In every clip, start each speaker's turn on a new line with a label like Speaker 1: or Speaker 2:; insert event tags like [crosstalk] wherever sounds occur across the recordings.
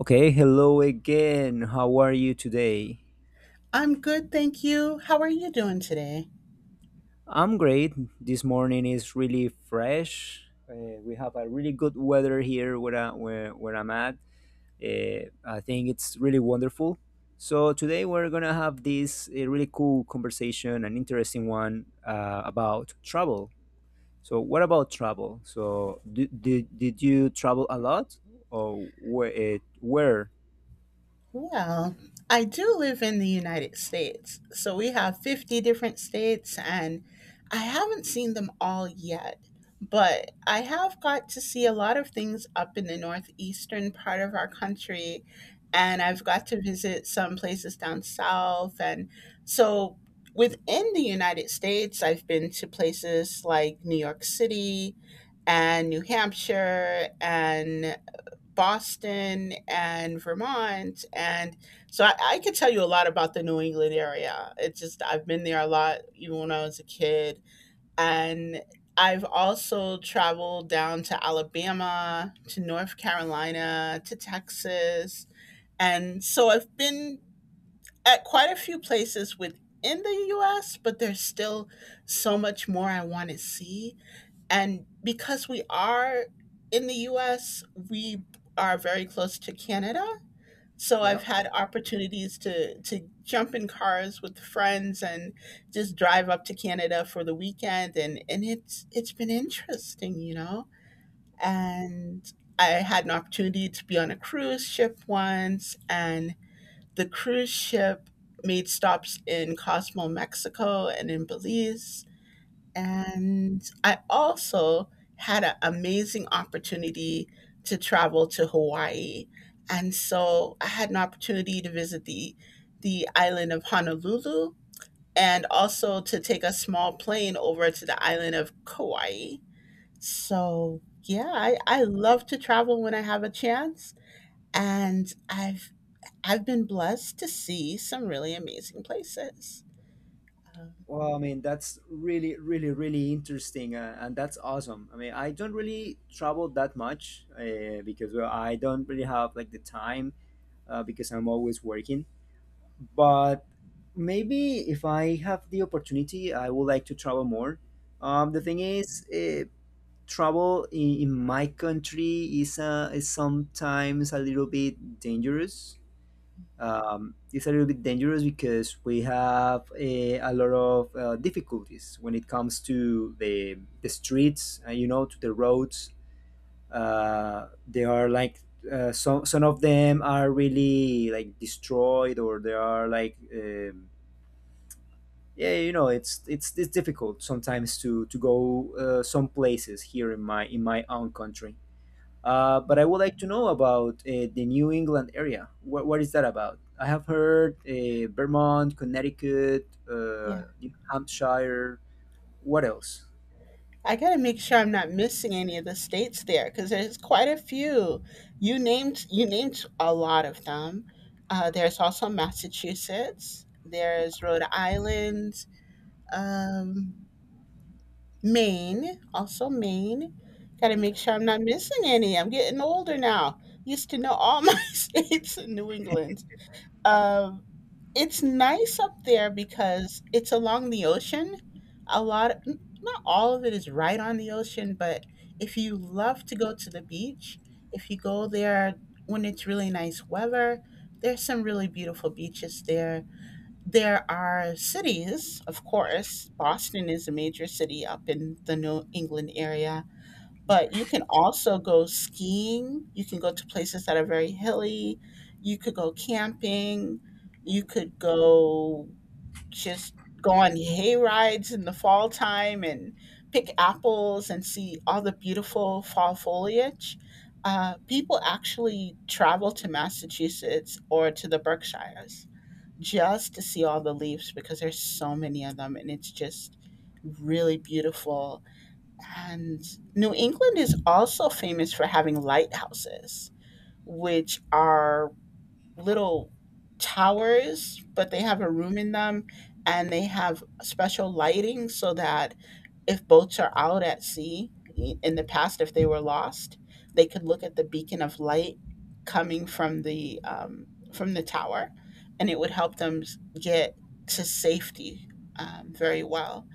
Speaker 1: Okay, hello again. How are you today?
Speaker 2: I'm good, thank you. How are you doing today?
Speaker 1: I'm great. This morning is really fresh. We have a really good weather here where I'm at. I think it's really wonderful. So, today we're going to have this really cool conversation, an interesting one about travel. So, what about travel? So, did you travel a lot or where? Where?
Speaker 2: Well, I do live in the United States. So we have 50 different states, and I haven't seen them all yet. But I have got to see a lot of things up in the northeastern part of our country, and I've got to visit some places down south. And so within the United States, I've been to places like New York City and New Hampshire and Boston and Vermont. And so I could tell you a lot about the New England area. It's just, I've been there a lot, even when I was a kid. And I've also traveled down to Alabama, to North Carolina, to Texas. And so I've been at quite a few places within the US, but there's still so much more I want to see. And because we are in the US, we are very close to Canada. So I've had opportunities to jump in cars with friends and just drive up to Canada for the weekend and it's been interesting. And I had an opportunity to be on a cruise ship once and the cruise ship made stops in Cosmo, Mexico and in Belize, and I also had an amazing opportunity to travel to Hawaii. And so I had an opportunity to visit the island of Honolulu and also to take a small plane over to the island of Kauai. So yeah, I love to travel when I have a chance. And I've been blessed to see some really amazing places. Um,
Speaker 1: Well, I mean, that's really, really, really interesting, and that's awesome. I mean, I don't really travel that much because well, I don't really have like the time because I'm always working. But maybe if I have the opportunity, I would like to travel more. The thing is, travel in my country is sometimes a little bit dangerous, it's a little bit dangerous because we have a lot of difficulties when it comes to the streets, you know, to the roads. They are like, some of them are really like destroyed or they are like, yeah, it's difficult sometimes to, go some places here in in my own country. But I would like to know about the New England area. What is that about? I have heard Vermont, Connecticut,
Speaker 2: yeah.
Speaker 1: New Hampshire. What else?
Speaker 2: I gotta make sure I'm not missing any of the states there because there's quite a few. You named a lot of them. There's also Massachusetts. There's Rhode Island, um, Maine, also Maine. Gotta make sure I'm not missing any. I'm getting older now. Used to know all [laughs] my states in New England. Um, it's nice up there because it's along the ocean. A lot, not all of it is right on the ocean, but if you love to go to the beach, if you go there when it's really nice weather, there's some really beautiful beaches there. There are cities, of course. Boston is a major city up in the New England area, but you
Speaker 1: Mhm.
Speaker 2: can also go skiing. You can go to places that are very hilly. You could go camping. You could go just go on hay rides in the fall time and pick apples and see all the beautiful fall foliage. People actually travel to Massachusetts or to the Berkshires just to see all the leaves because there's so many of them and it's just really beautiful. And New England is also famous for having lighthouses, which are little towers, but they have a room in them and they have special lighting so that if boats are out at sea, in the past, if they were lost, they could look at the beacon of light coming from the from the tower, and it would help them get to safety very well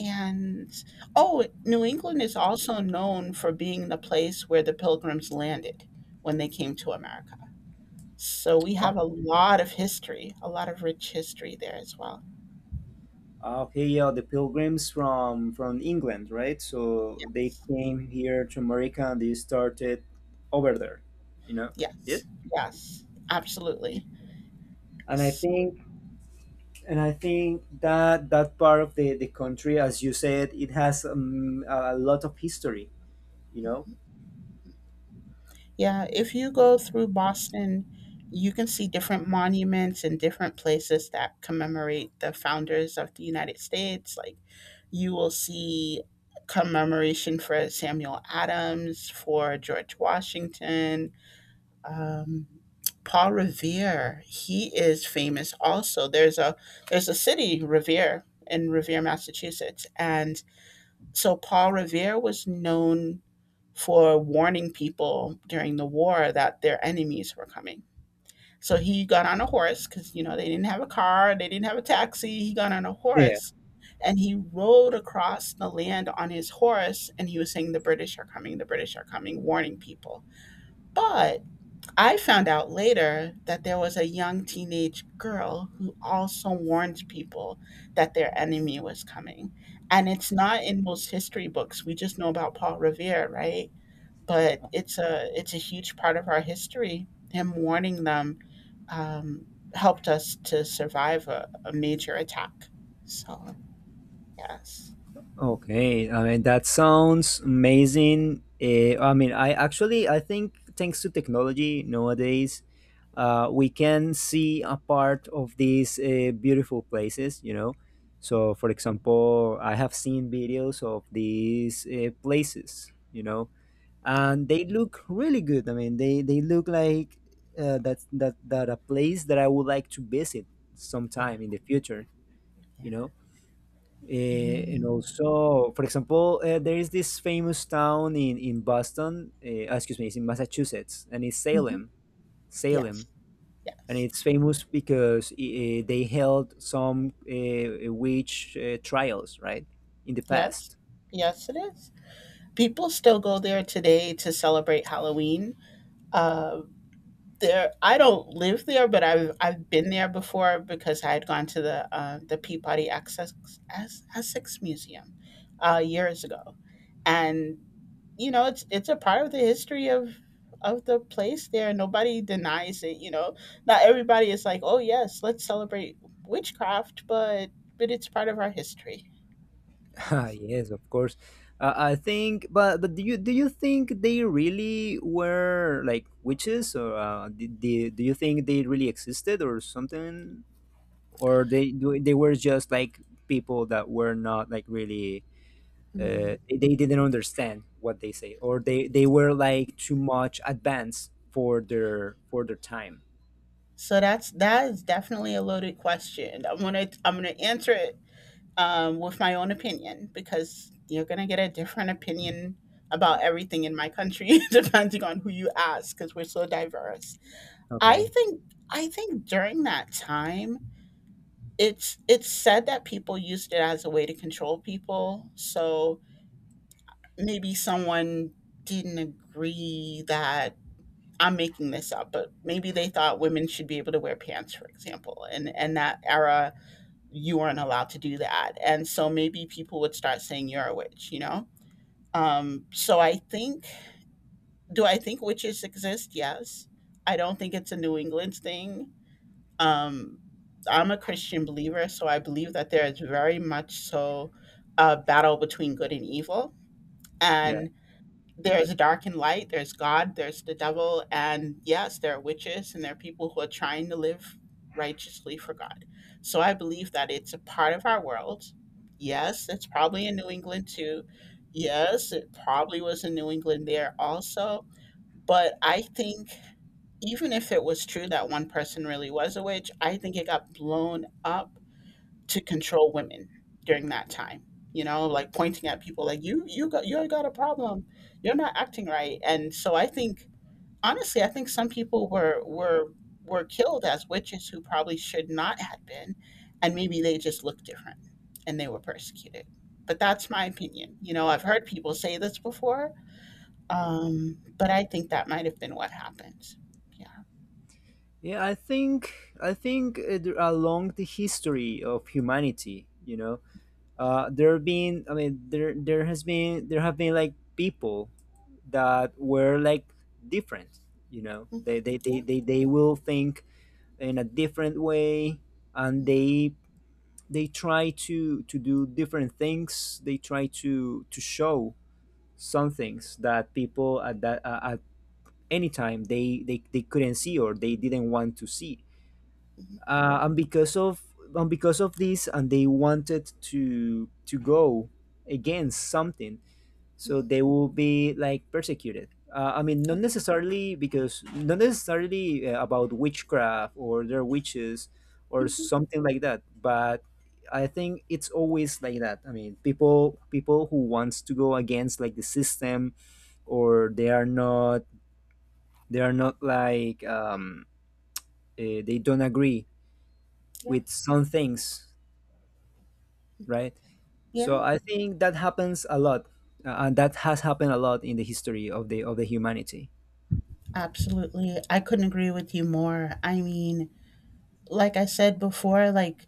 Speaker 2: and oh, New England is also known for being the place where the Pilgrims landed when they came to America. So we
Speaker 1: Oh,
Speaker 2: have a lot of history, a lot of rich history there as well.
Speaker 1: ah, okay, yeah, the pilgrims from England, right? So they
Speaker 2: Yes,
Speaker 1: came here to America and they started over there, you know. Yes.
Speaker 2: yes, yes, absolutely.
Speaker 1: And I think and I think that that part of the country, as you said, it has a lot of history, you know.
Speaker 2: Yeah, if you go through Boston, you can see different monuments and different places that commemorate the founders of the United States. Like you will see commemoration for Samuel Adams, for George Washington, um, Paul Revere. He is famous also. There's a city, Revere, in Revere, Massachusetts, and so Paul Revere was known for warning people during the war that their enemies were coming. So he got on a horse because, you know, they didn't have a car, they didn't have a taxi. He got on a horse and he rode across the land on his horse and he was saying, "The British are coming, the British are coming," warning people. But I found out later that there was a young teenage girl who also warned people that their enemy was coming. And it's not in most history books. We just know about Paul Revere, right? But it's a huge part of our history. Him warning them um, helped us to survive a major attack. So yes,
Speaker 1: Okay, I mean that sounds amazing. I mean, I think thanks to technology nowadays, we can see a part of these beautiful places. So for example, I have seen videos of these places. And they look really good. I mean, they look like that that that a place that I would like to visit
Speaker 2: yeah,
Speaker 1: sometime in the future.
Speaker 2: yeah.
Speaker 1: You know and
Speaker 2: Mhm.
Speaker 1: also, for example, there is this famous town in Boston. Excuse me, it's in Massachusetts, and it's
Speaker 2: Mhm.
Speaker 1: Salem,
Speaker 2: Yes,
Speaker 1: Salem, and
Speaker 2: yes,
Speaker 1: it's famous because they held some witch trials, right, in the
Speaker 2: yes,
Speaker 1: past. [laughs]
Speaker 2: yes. It is. People still go there today to celebrate Halloween. Uh, there, I don't live there, but I've been there before because I had gone to the the Peabody Essex Museum years ago, and you know it's a part of the history of the place there. Nobody denies it. You know, not everybody is like, oh yes, let's celebrate witchcraft, but it's part of our history.
Speaker 1: Ah,
Speaker 2: Yes.
Speaker 1: yes, of course. I think, but do you think they really were like witches, or do you think they really existed, or something or they were just like people that were not like really, they didn't understand what they say or they were like too much advanced for their time.
Speaker 2: So that's that is definitely a loaded question. I'm gonna answer it with my own opinion because you're gonna get a different opinion about everything in my country [laughs] depending on who you ask because we're so diverse. I
Speaker 1: Okay.
Speaker 2: think I think during that time, it's said that people used it as a way to control people. So maybe someone didn't agree that, I'm making this up, but maybe they thought women should be able to wear pants, for example. And that era, you weren't allowed to do that. And so maybe people would start saying you're a witch, you know? So I think, do I think witches exist? Yes. I don't think it's a New England thing. Um, I'm a Christian believer, so I believe that there is very much so a battle between good and evil.
Speaker 1: Yeah,
Speaker 2: And there's dark and light, there's God, there's the devil, and yes, there are witches and there are people who are trying to live righteously for God. So I believe that it's a part of our world. Yes, it's probably in New England too. Yes, it probably was in New England there also. But I think, even if it was true that one person really was a witch, I think it got blown up to control women during that time. You know, like pointing at people like you got you got a problem, you're not acting right. And so I think honestly I think some people were killed as witches who probably should not have been, and maybe they just looked different and they were persecuted. But that's my opinion. You know, I've heard people say this before, but I think that might have been what happened. Yeah.
Speaker 1: yeah, I think I think along the history of humanity there have been, I mean, there have been like people that were like different,
Speaker 2: Mhm.
Speaker 1: they they they,
Speaker 2: Yeah.
Speaker 1: they, they will think in a different way and
Speaker 2: Mhm.
Speaker 1: they try to do different things, they try to show some things that people at any time, they couldn't see or they didn't want to see, and because of this, and they wanted to go against something, so they will be like persecuted, I mean, not
Speaker 2: Yeah,
Speaker 1: necessarily because not necessarily about witchcraft or their witches or something like that, but I think it's always like that. I mean, people who wants to go against like the system, or they are not, they are not like um, they don't agree
Speaker 2: yeah.
Speaker 1: with some things, right. So
Speaker 2: Yeah.
Speaker 1: I think that happens a lot, and that has happened a lot in the history of the humanity.
Speaker 2: Absolutely. I couldn't agree with you more. I mean, like I said before, like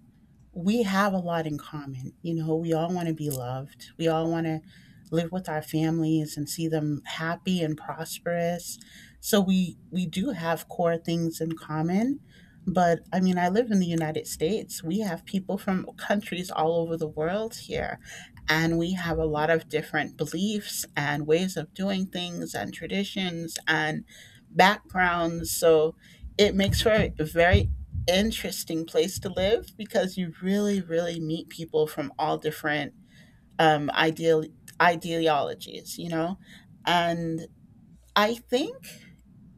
Speaker 2: we have a lot in common. You know, we all want to be loved. We all want to live with our families and see them happy and prosperous. So we do have core things in common. But I mean, I live in the United States. We have people from countries all over the world here, and we have a lot of different beliefs and ways of doing things and traditions and backgrounds. So it makes for a very interesting place to live because you really, really meet people from all different ideal ideologies, you know. And I think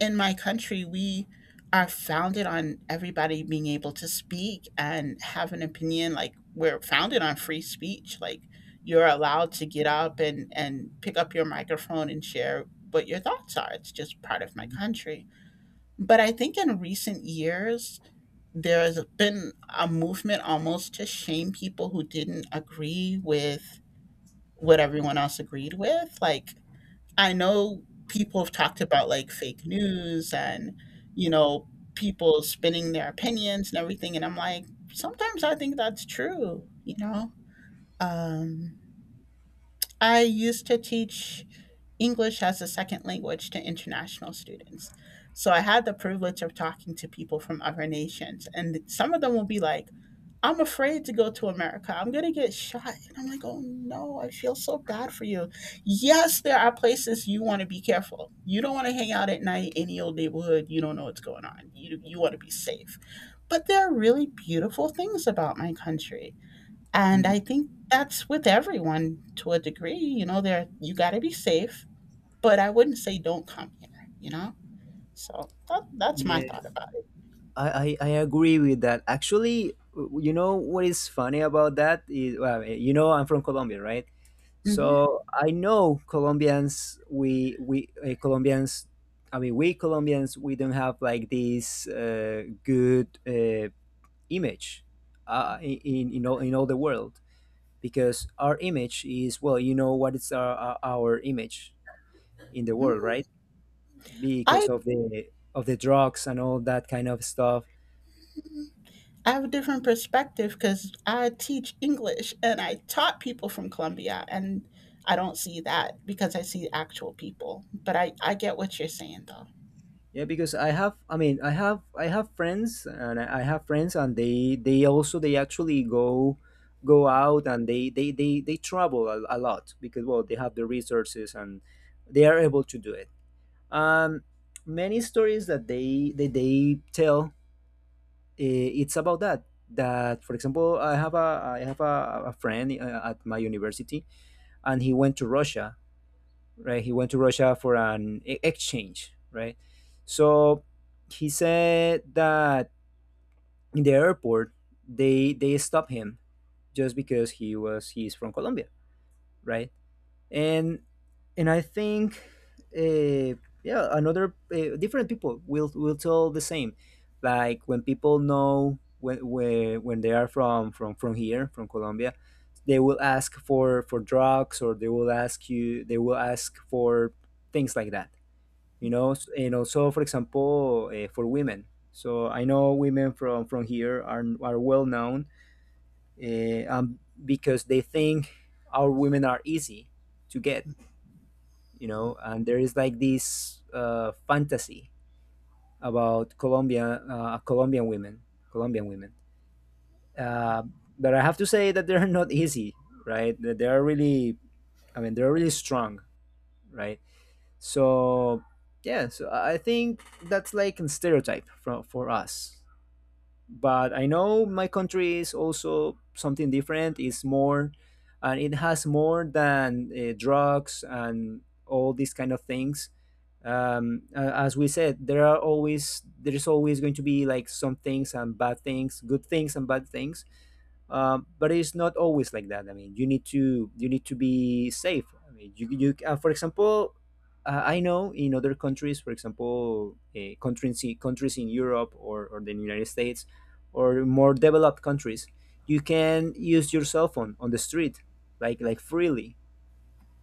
Speaker 2: in my country we are founded on everybody being able to speak and have an opinion. Like we're founded on free speech. Like you're allowed to get up and pick up your microphone and share what your thoughts are. It's just part of my country. But I think in recent years there has been a movement almost to shame people who didn't agree with what everyone else agreed with. Like, I know people have talked about like fake news and, you know, people spinning their opinions and everything. And I'm like, sometimes I think that's true, you know? Um, I used to teach English as a second language to international students. So I had the privilege of talking to people from other nations, and some of them will be like, I'm afraid to go to America. I'm going to get shot. And I'm like, oh no, I feel so bad for you. Yes, there are places you want to be careful. You don't want to hang out at night, any old neighborhood. You don't know what's going on. You want to be safe. But there are really beautiful things about my country. And I
Speaker 1: Mm.
Speaker 2: think that's with everyone to a degree. You know, there you got to be safe, but I wouldn't say don't come here, you know? So that's my
Speaker 1: Yeah,
Speaker 2: thought about
Speaker 1: I agree with that. Actually, you know what is funny about that is, well, I'm from Colombia, right?
Speaker 2: it. Hmm.
Speaker 1: So I know Colombians. We Colombians. I mean, we Colombians. We don't have like this good image in all the world because our image is well, you know what is our image in the world,
Speaker 2: Hmm.
Speaker 1: right?
Speaker 2: I,
Speaker 1: Because of the drugs and all that kind of stuff.
Speaker 2: I have a different perspective because I teach English and I taught people from Colombia, and I don't see that because I see actual people. But I get what you're saying, though.
Speaker 1: Yeah, because I have, I mean, I have friends, and I have friends, and they also, they actually go, out, and they travel a lot because, well, they have the resources and they are able to do it. Um, many stories that that they tell, it's about that. That, for example, I have a friend at my university, and he went to Russia, right? He went to Russia for an exchange, right? So he said that in the airport, they stopped him just because he's from Colombia, right? And and I think uh, yeah, another different people will tell the same. Like when people know when they are from here from Colombia, they will ask for drugs, or they will ask for things like that, and also for example for women, so I know women from here are well known, because they think our women are easy to get, and there is like this fantasy about Colombia, Colombian women, uh, but I have to say that they're not easy, right, that they are really, I mean, they're really strong, right. So yeah, so I think that's like a stereotype for, us. But I know my country is also something different. It's more, and it has more than drugs and all these kind of things. As we said, there are always, there is always going to be like some things and bad things, good things and bad things, but it's not always like that. I mean, you need to be safe. I mean, you for example, I know in other countries, for example, countries in Europe, or the United States, or more developed countries, you can use your cell phone on the street like freely,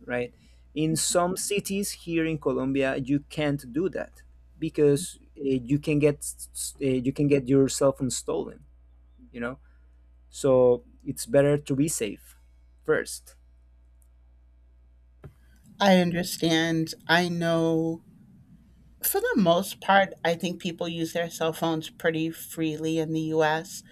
Speaker 1: right. In some cities here in Colombia, you can't do that because you can get you can get your cell phone stolen, you know so it's better to be safe first.
Speaker 2: I understand. I know. For the most part, I think people use their cell phones pretty freely in the US.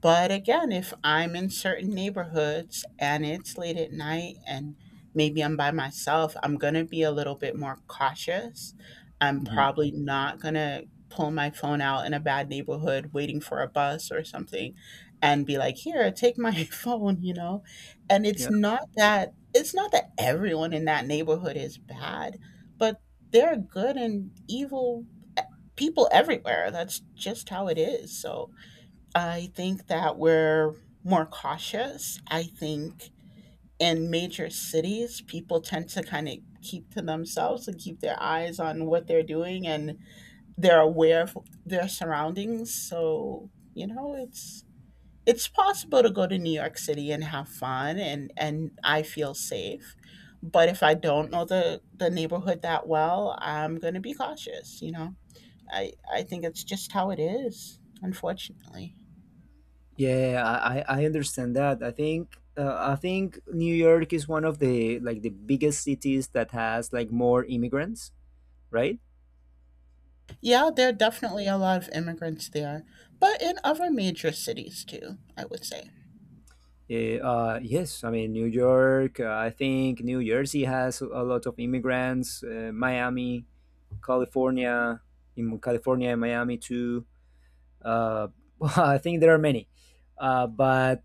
Speaker 2: But again, if I'm in certain neighborhoods and it's late at night and maybe I'm by myself, I'm going to be a little bit more cautious. I'm probably not going to pull my phone out in a bad neighborhood waiting for a bus or something and be like, "Here, take my [laughs] phone," you know? And it's
Speaker 1: Yeah,
Speaker 2: not that it's not that everyone in that neighborhood is bad, but there are good and evil e- people everywhere. That's just how it is. So I think that we're more cautious. I think in major cities, people tend to kind of keep to themselves and keep their eyes on what they're doing, and they're aware of their surroundings. So, you know, it's possible to go to New York City and have fun, and I feel safe. But if I don't know the neighborhood that well, I'm going to be cautious, you know. I think it's just how it is, unfortunately.
Speaker 1: yeah, I understand that. I think New York is one of the like the biggest cities that has like more immigrants, right?
Speaker 2: Yeah, there are definitely a lot of immigrants there, but in other major cities too, I would say.
Speaker 1: Yes, I mean New York. I think New Jersey has a lot of immigrants. Miami,
Speaker 2: Mhm.
Speaker 1: California, in California and Miami too. Uh, [laughs] I think there are many, but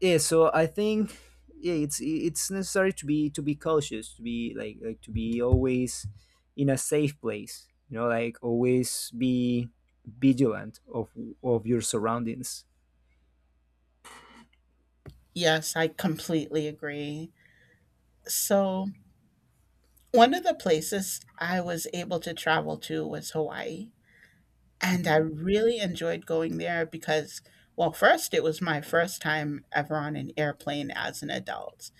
Speaker 1: yeah, so I think, yeah, it's necessary to be cautious, to be to be always in a safe place, like always be vigilant of your surroundings.
Speaker 2: Yes, I completely agree. So, one of the places I was able to travel to was Hawaii. And I
Speaker 1: Mhm.
Speaker 2: really enjoyed going there because, well, first, it was my first time ever on an airplane as an adult.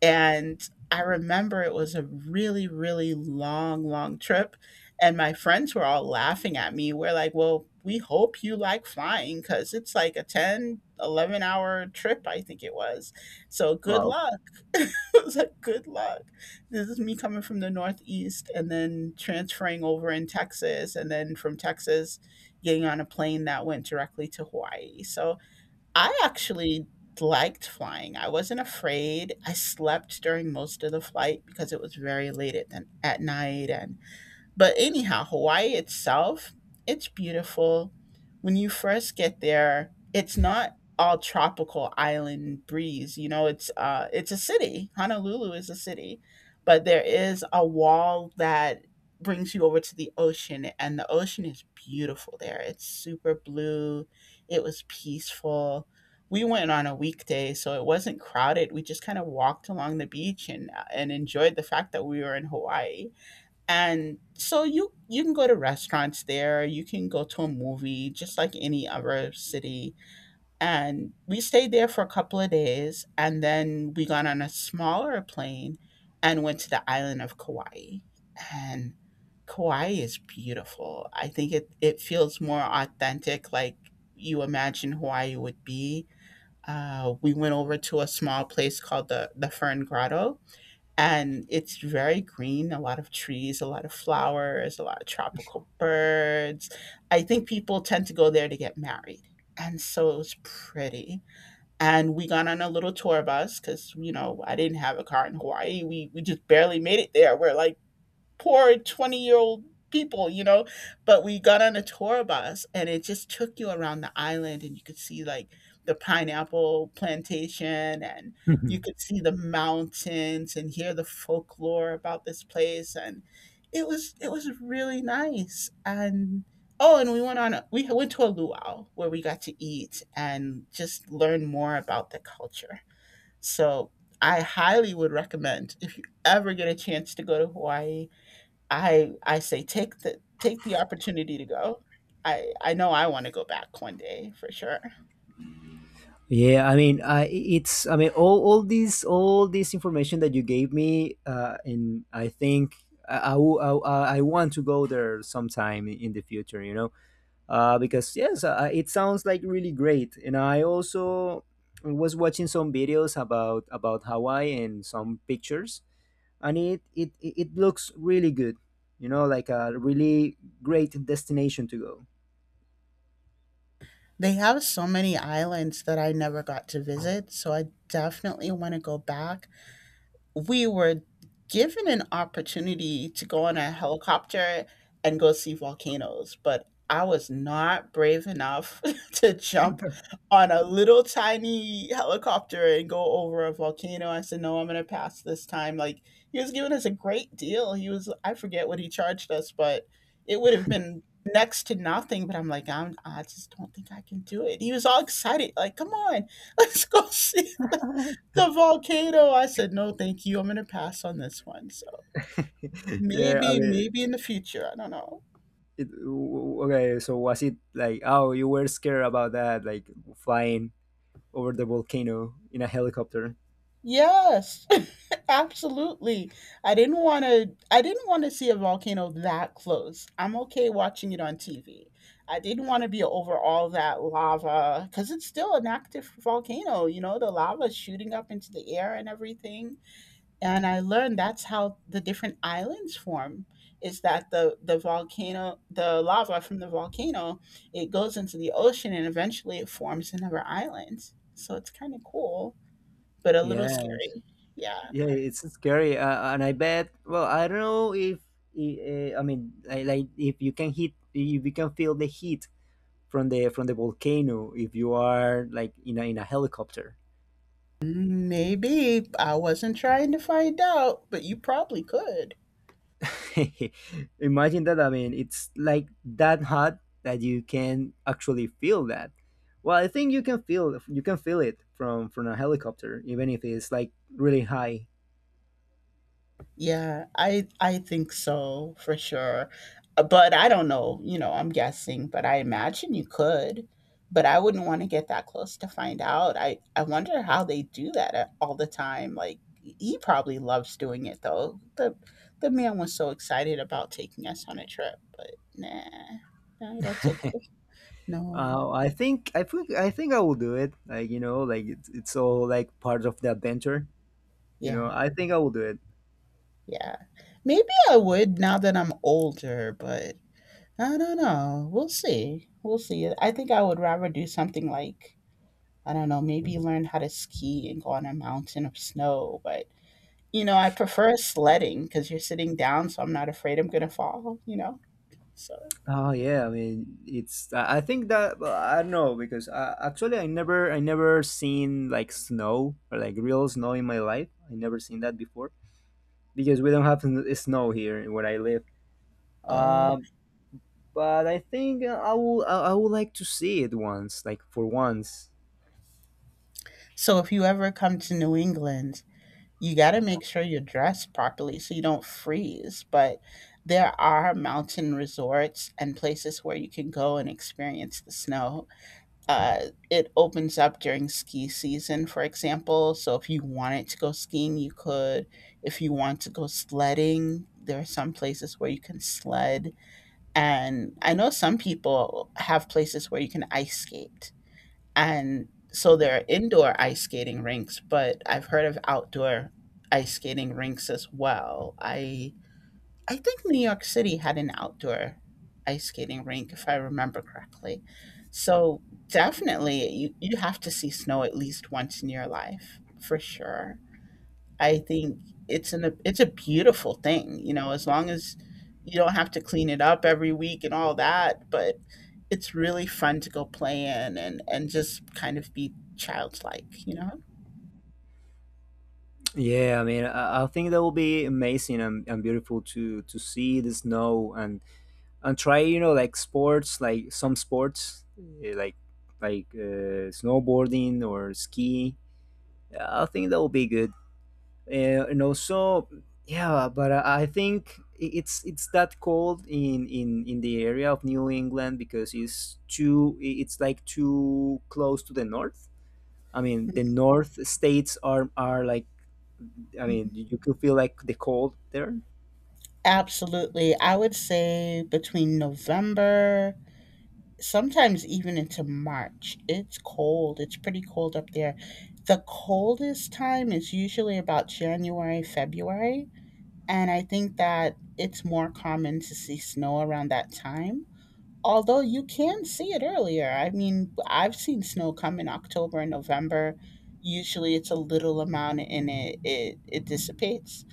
Speaker 2: And I remember it was a really, really long, long trip. And my friends were all laughing at me. We're like, well, we hope you like flying because it's like a 10, 11 hour trip, I think it was. So good
Speaker 1: Wow.
Speaker 2: luck. [laughs] I was like, good luck. This is me coming from the Northeast and then transferring over in Texas. And then from Texas, getting on a plane that went directly to Hawaii. So I actually liked flying. I wasn't afraid. I slept during most of the flight because it was very late at night. And but anyhow, Hawaii itself, it's beautiful. When you first get there, it's not all tropical island breeze. You know, it's a city. Honolulu is a city, but there is a wall that brings you over to the ocean, and the ocean is beautiful there. It's super blue. It was peaceful. We went on a weekday, so it wasn't crowded. We just kind of walked along the beach and enjoyed the fact that we were in Hawaii. And so you can go to restaurants there. You can go to a movie, just like any other city. And we stayed there for a couple of days, and then we got on a smaller plane and went to the island of Kauai. And Kauai is beautiful. I think it feels more authentic, like you imagine Hawaii would be. We went over to a small place called the Fern Grotto, and it's very green. A lot of trees, a lot of flowers, a lot of tropical birds. I think people tend to go there to get married, and so it was pretty. And we got on a little tour bus because, you know, I didn't have a car in Hawaii. We just barely made it there. We're like poor 20-year-old people, you know. But we got on a tour bus, and it just took you around the island, and you could see like the pineapple plantation, and you
Speaker 1: [laughs]
Speaker 2: could see the mountains and hear the folklore about this place. And it was really nice. And oh, and we went on a, we went to a luau where we got to eat and just learn more about the culture. So I highly would recommend, if you ever get a chance to go to Hawaii, I say take the opportunity to go. I know I want to go back one day for sure.
Speaker 1: Yeah, I mean, I it's I mean all all this information that you gave me, and I think I, will- I want to go there sometime in the future. Because yes, it sounds like really great. And I also was watching some videos about Hawaii and some pictures, and it looks really good. You know, like a really great destination to go.
Speaker 2: They have so many islands that I never got to visit, so I definitely want to go back. We were given an opportunity to go on a helicopter and go see volcanoes, but I was not brave enough [laughs] to jump on a little tiny helicopter and go over a volcano. I said, no, I'm going to pass this time. Like, he was giving us a great deal. He was, I forget what he charged us, but it would have been next to nothing. But I'm like, I'm, I just don't think I can do it. He was all excited, like, come on, [laughs] let's go see the volcano. I said, no, thank you. I'm going to pass on this one. So
Speaker 1: [laughs] Yeah, I
Speaker 2: maybe,
Speaker 1: mean,
Speaker 2: maybe in the future. I don't know.
Speaker 1: okay. So was it like, oh, you were scared about that, like flying over the volcano in a helicopter?
Speaker 2: Yes, [laughs] absolutely. I didn't want to see a volcano that close. I'm okay watching it on TV. I didn't want to be over all that lava because it's still an active volcano. You know, the lava shooting up into the air and everything. And I learned that's how the different islands form, is that the lava from the volcano, it goes into the ocean, and eventually it forms another island. So it's kind of cool, but a little
Speaker 1: Yeah.
Speaker 2: scary. Yeah.
Speaker 1: Yeah, it's scary, and I bet. Well, I don't know if I mean, if you can if you can feel the heat from the volcano, if you are like in in a helicopter.
Speaker 2: Maybe I wasn't trying to find out, but you probably could.
Speaker 1: [laughs] Imagine that. I mean, it's like that hot that you can actually feel that. Well, I think you can feel it from a helicopter, even if it's like really high.
Speaker 2: Yeah, I think so for sure. But I don't know, you know, I'm guessing, but I imagine you could. But I wouldn't want to get that close to find out. I wonder how they do that all the time. Like, he probably loves doing it, though. The man was so excited about taking us on a trip, but nah. Nah, that's okay. No.
Speaker 1: I think I think I will do it. Like, like it's all like part of the adventure.
Speaker 2: Yeah.
Speaker 1: I think I will do it.
Speaker 2: Yeah. Maybe I would now that I'm older, but I don't know. We'll see. We'll see. I think I would rather do something like, I don't know, maybe learn how to ski and go on a mountain of snow. But, you know, I prefer sledding because you're sitting down, so I'm not afraid I'm going to fall, you know? So,
Speaker 1: Oh yeah, I mean, it's. I think that, well, I don't know because actually I never seen like snow or like real snow in my life. I never seen that before because we don't have snow here where I live.
Speaker 2: oh,
Speaker 1: Um, but I think I would like to see it once, like for once.
Speaker 2: so if you ever come to New England, you got to make sure you're dressed properly so you don't freeze. But there are mountain resorts and places where you can go and experience the snow. uh, it opens up during ski season, for example. So if you wanted to go skiing, you could. If you want to go sledding, there are some places where you can sled. And I know some people have places where you can ice skate. And so there are indoor ice skating rinks, but I've heard of outdoor ice skating rinks as well. I think New York City had an outdoor ice skating rink, if I remember correctly. So definitely, you have to see snow at least once in your life, for sure. I think it's a beautiful thing, you know, as long as you don't have to clean it up every week and all that, but it's really fun to go play in, and just kind of be childlike, you know?
Speaker 1: Yeah, I mean, I think that will be amazing and beautiful to see the snow and try like sports like some sports like like snowboarding or ski. Yeah, I think that will be good. And also yeah but I think it's that cold in the area of New England because it's it's like too close to the north. I mean the north states are like, I mean you can feel like the cold there.
Speaker 2: Absolutely. I would say between November, sometimes even into March. It's cold. It's pretty cold up there. The coldest time is usually about January, February. And I think that it's more common to see snow around that time. Although you can see it earlier. I mean, I've seen snow come in October and November. Usually it's a little amount, and it dissipates.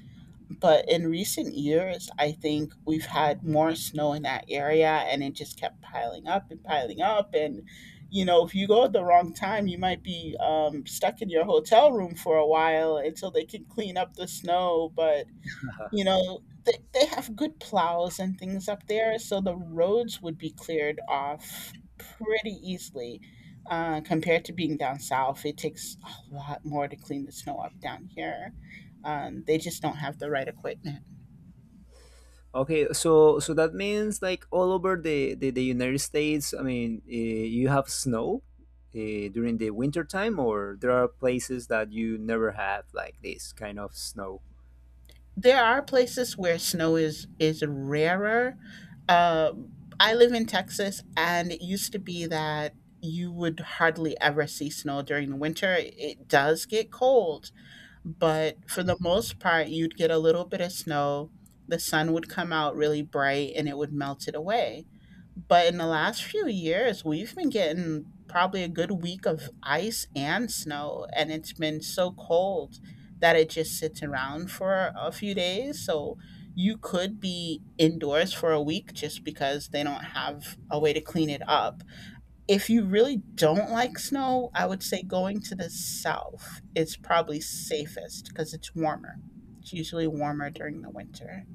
Speaker 2: But in recent years, I think we've had more snow in that area, and it just kept piling up. And, you know, if you go at the wrong time, you might be stuck in your hotel room for a while until they can clean up the snow. But you know, they have good plows and things up there, so the roads would be cleared off pretty easily, compared to being down south. It takes a lot more to clean the snow up down here. They just don't have the right equipment.
Speaker 1: Okay, so so that means like all over the United States. I mean, you have snow during the winter time, or there are places that you never have like this kind of snow.
Speaker 2: There are places where snow is rarer. uh, I live in Texas, and it used to be that you would hardly ever see snow during the winter. It does get cold, but for the most part, you'd get a little bit of snow. The sun would come out really bright, and it would melt it away. But in the last few years, we've been getting probably a good week of ice and snow, and it's been so cold that it just sits around for a few days. So you could be indoors for a week just because they don't have a way to clean it up. If you really don't like snow, I would say going to the south is probably safest because it's warmer. It's usually warmer during the winter.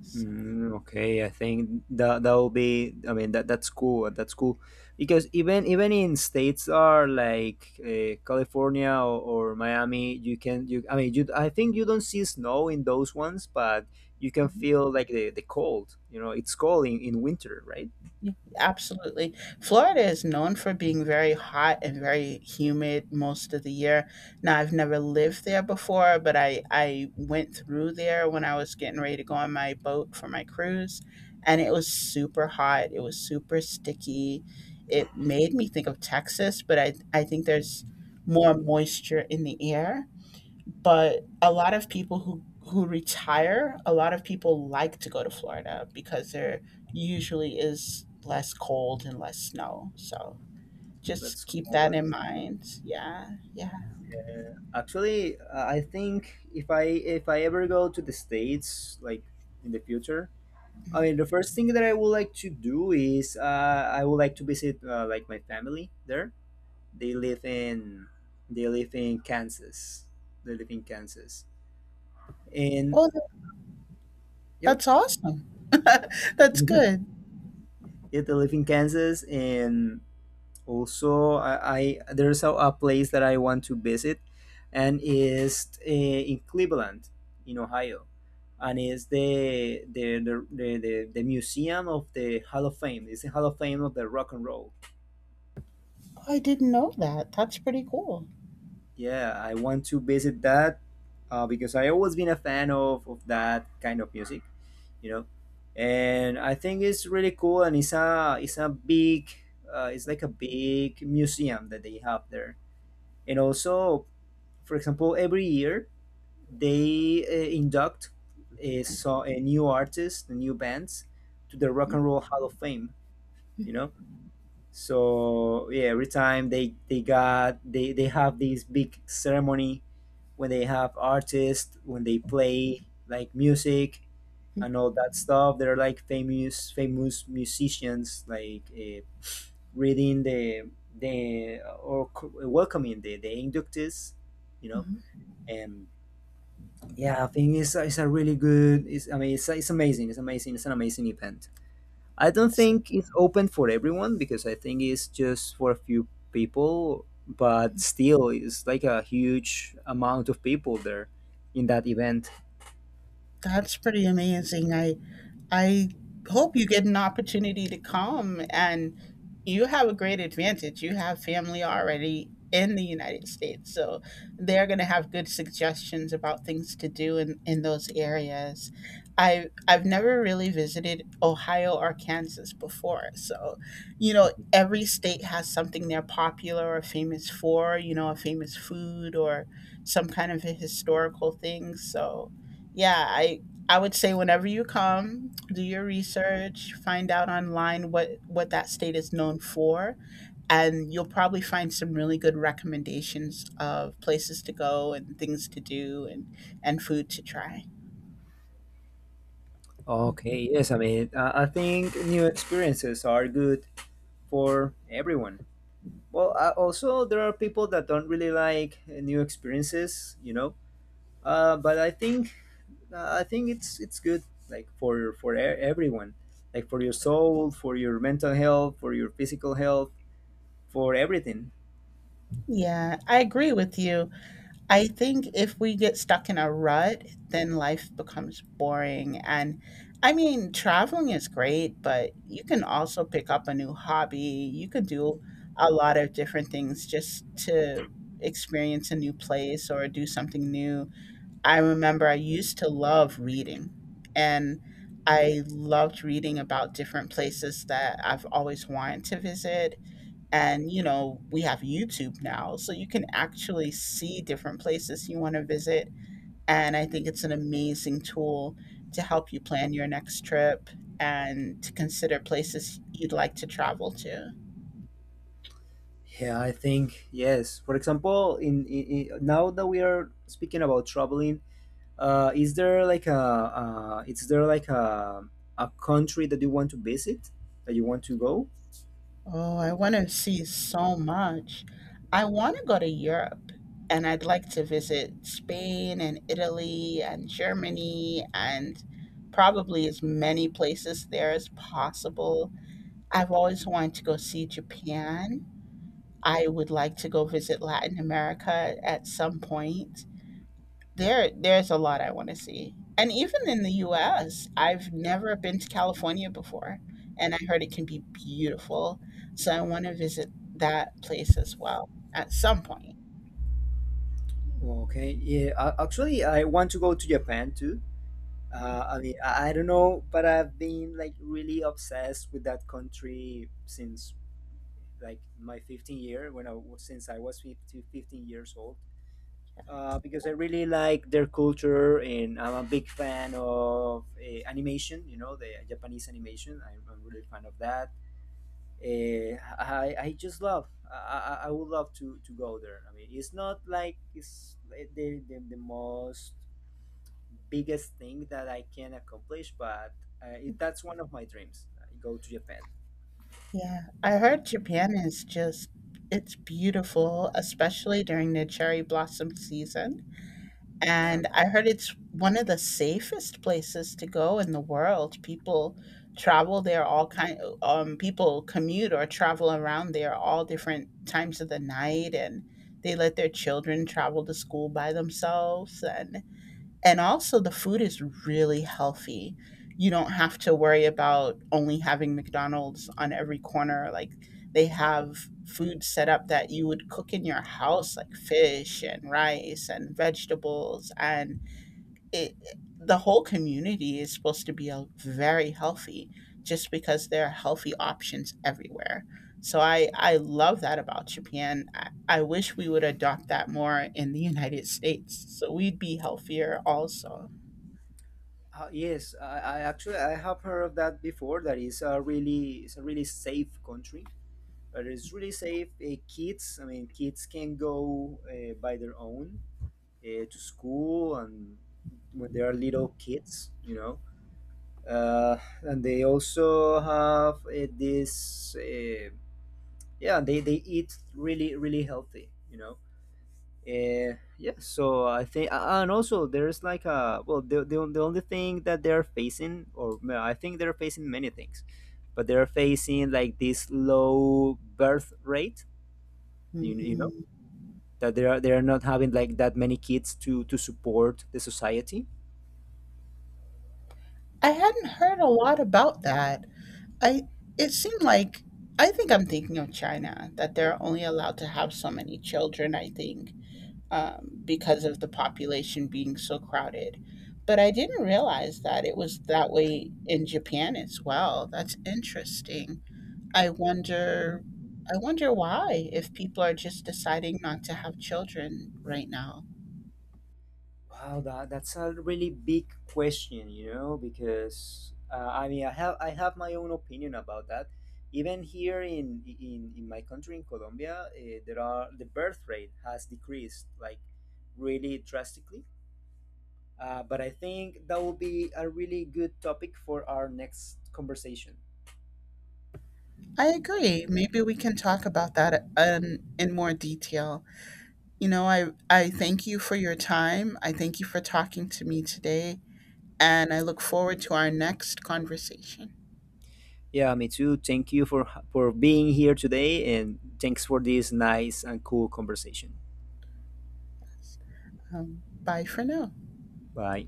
Speaker 2: So,
Speaker 1: Mm, okay, I think that that will be. I mean, that that's cool. That's cool because even even in states are like California or Miami, you can you. I mean, you. I think you don't see snow in those ones, but you can
Speaker 2: mhm.
Speaker 1: feel like the cold. You know, it's cold in winter, right?
Speaker 2: Yeah, absolutely. Florida is known for being very hot and very humid most of the year. Now, I've never lived there before, but I went through there when I was getting ready to go on my boat for my cruise, and it was super hot. It was super sticky. It made me think of Texas, but I think there's more moisture in the air, but a lot of people who retire, a lot of people like to go to Florida because there usually is less cold and less snow, so just
Speaker 1: That's
Speaker 2: keep
Speaker 1: cool.
Speaker 2: that in
Speaker 1: That's,
Speaker 2: mind. Yeah, yeah.
Speaker 1: yeah. Actually, I think if I ever go to the states, like in the future, I mean, the first thing that I would like to do is I would like to visit like my family there. They live in they live in Kansas. They live in Kansas, and
Speaker 2: oh tha-
Speaker 1: yep,
Speaker 2: that's awesome. [laughs] That's good.
Speaker 1: [laughs] yeah, they live in Kansas, and also, I there's a place that I want to visit, and is in Cleveland, in Ohio, and is the museum of the Hall of Fame. It's the Hall of Fame of the rock and roll.
Speaker 2: Oh, I didn't know that. That's pretty cool.
Speaker 1: Yeah, I want to visit that because I always been a fan of that kind of music, you know, and I think it's really cool and it's a big, it's like a big museum that they have there. And also, for example, every year they induct a new artist, new bands to the Rock and Roll Hall of Fame. You know, so yeah, every time they got they have this big ceremony when they have artists when they play like music
Speaker 2: Mhm,
Speaker 1: and all that stuff. They're like famous famous musicians like reading the welcoming the inductees, you know,
Speaker 2: mhm.
Speaker 1: and yeah, I think it's a really good. It's, I mean it's amazing. It's amazing. It's an amazing event. I don't
Speaker 2: So
Speaker 1: think it's open for everyone because I think it's just for a few people. But still, it's like a huge amount of people there in that event.
Speaker 2: that's pretty amazing. I hope you get an opportunity to come, and you have a great advantage. You have family already in the United States. So they're going to have good suggestions about things to do in those areas. I've never really visited Ohio or Kansas before. So, you know, every state has something they're popular or famous for, you know, a famous food or some kind of a historical thing. So, yeah, I would say whenever you come, do your research, find out online what that state is known for, and you'll probably find some really good recommendations of places to go and things to do and food to try.
Speaker 1: Okay, yes, I mean I think new experiences are good for everyone. Well, I, also there are people that don't really like new experiences, you know. But I think it's good like for everyone, like for your soul, for your mental health, for your physical health, for everything.
Speaker 2: Yeah, I agree with you. I think if we get stuck in a rut, then life becomes boring. And I mean, traveling is great, but you can also pick up a new hobby. You can do a lot of different things just to experience a new place or do something new. I remember I used to love reading, and I loved reading about different places that I've always wanted to visit, and, you know, we have YouTube now, so you can actually see different places you want to visit. And I think it's an amazing tool to help you plan your next trip and to consider places you'd like to travel to.
Speaker 1: Yeah, I think yes. For example, in now that we are speaking about traveling, is there like a is there like a country that you want to visit that you want to go?
Speaker 2: Oh, I want to see so much. I want to go to Europe, and I'd like to visit Spain and Italy and Germany and probably as many places there as possible. I've always wanted to go see Japan. I would like to go visit Latin America at some point. There's a lot I want to see. And even in the US, I've never been to California before, and I heard it can be beautiful. So I want to visit that place as well at some point.
Speaker 1: Okay, yeah. Actually, I want to go to Japan too. I mean, I don't know, but I've been like really obsessed with that country since like my 15-year when I was since I was 15, fifteen years old. Because I really like their culture, and I'm a big fan of animation. You know, the Japanese animation. I'm really fan of that. Uh, I just love. I I would love to go there. I mean, it's not like it's the most biggest thing that I can accomplish, but that's one of my dreams. I go to Japan.
Speaker 2: Yeah, I heard Japan is just it's beautiful, especially during the cherry blossom season.
Speaker 1: Yeah.
Speaker 2: And I heard it's one of the safest places to go in the world. People travel there all kind people commute or travel around there all different times of the night, and they let their children travel to school by themselves, and also, the food is really healthy. You don't have to worry about only having McDonald's on every corner. Like, they have food set up that you would cook in your house, like fish and rice and vegetables, and it, the whole community is supposed to be a very healthy, just because there are healthy options everywhere. So I love that about Japan. I wish we would adopt that more in the United States so we'd be healthier also.
Speaker 1: Yes, I actually I have heard of that before. That is a really it's a really safe country, but it's really safe. Kids, I mean, kids can go by their own to school and when they are little kids, you know. And they also have yeah, they eat really really healthy, you know. Yeah, so I think, and also there's like a, well, the the only thing that they're facing, or no, I think they're facing many things, but they're facing like this low birth rate. You know
Speaker 2: Mhm.
Speaker 1: that they are not having like that many kids to support the society.
Speaker 2: I hadn't heard a lot about that. I it seemed like I think I'm thinking of China that they're only allowed to have so many children, I think, because of the population being so crowded. But I didn't realize that it was that way in Japan as well. That's interesting. I wonder, I wonder why, if people are just deciding not to have children right now.
Speaker 1: Wow, that that's a really big question, you know, because I mean, I have my own opinion about that. Even here in my country, in Colombia, the birth rate has decreased like really drastically. But I think that will be a really good topic for our next conversation.
Speaker 2: I agree. Maybe we can talk about that in more detail. You know, I thank you for your time. I thank you for talking to me today, and I look forward to our next conversation.
Speaker 1: Yeah, me too. Thank you for being here today, and thanks for this nice and cool conversation.
Speaker 2: Bye for now.
Speaker 1: Bye.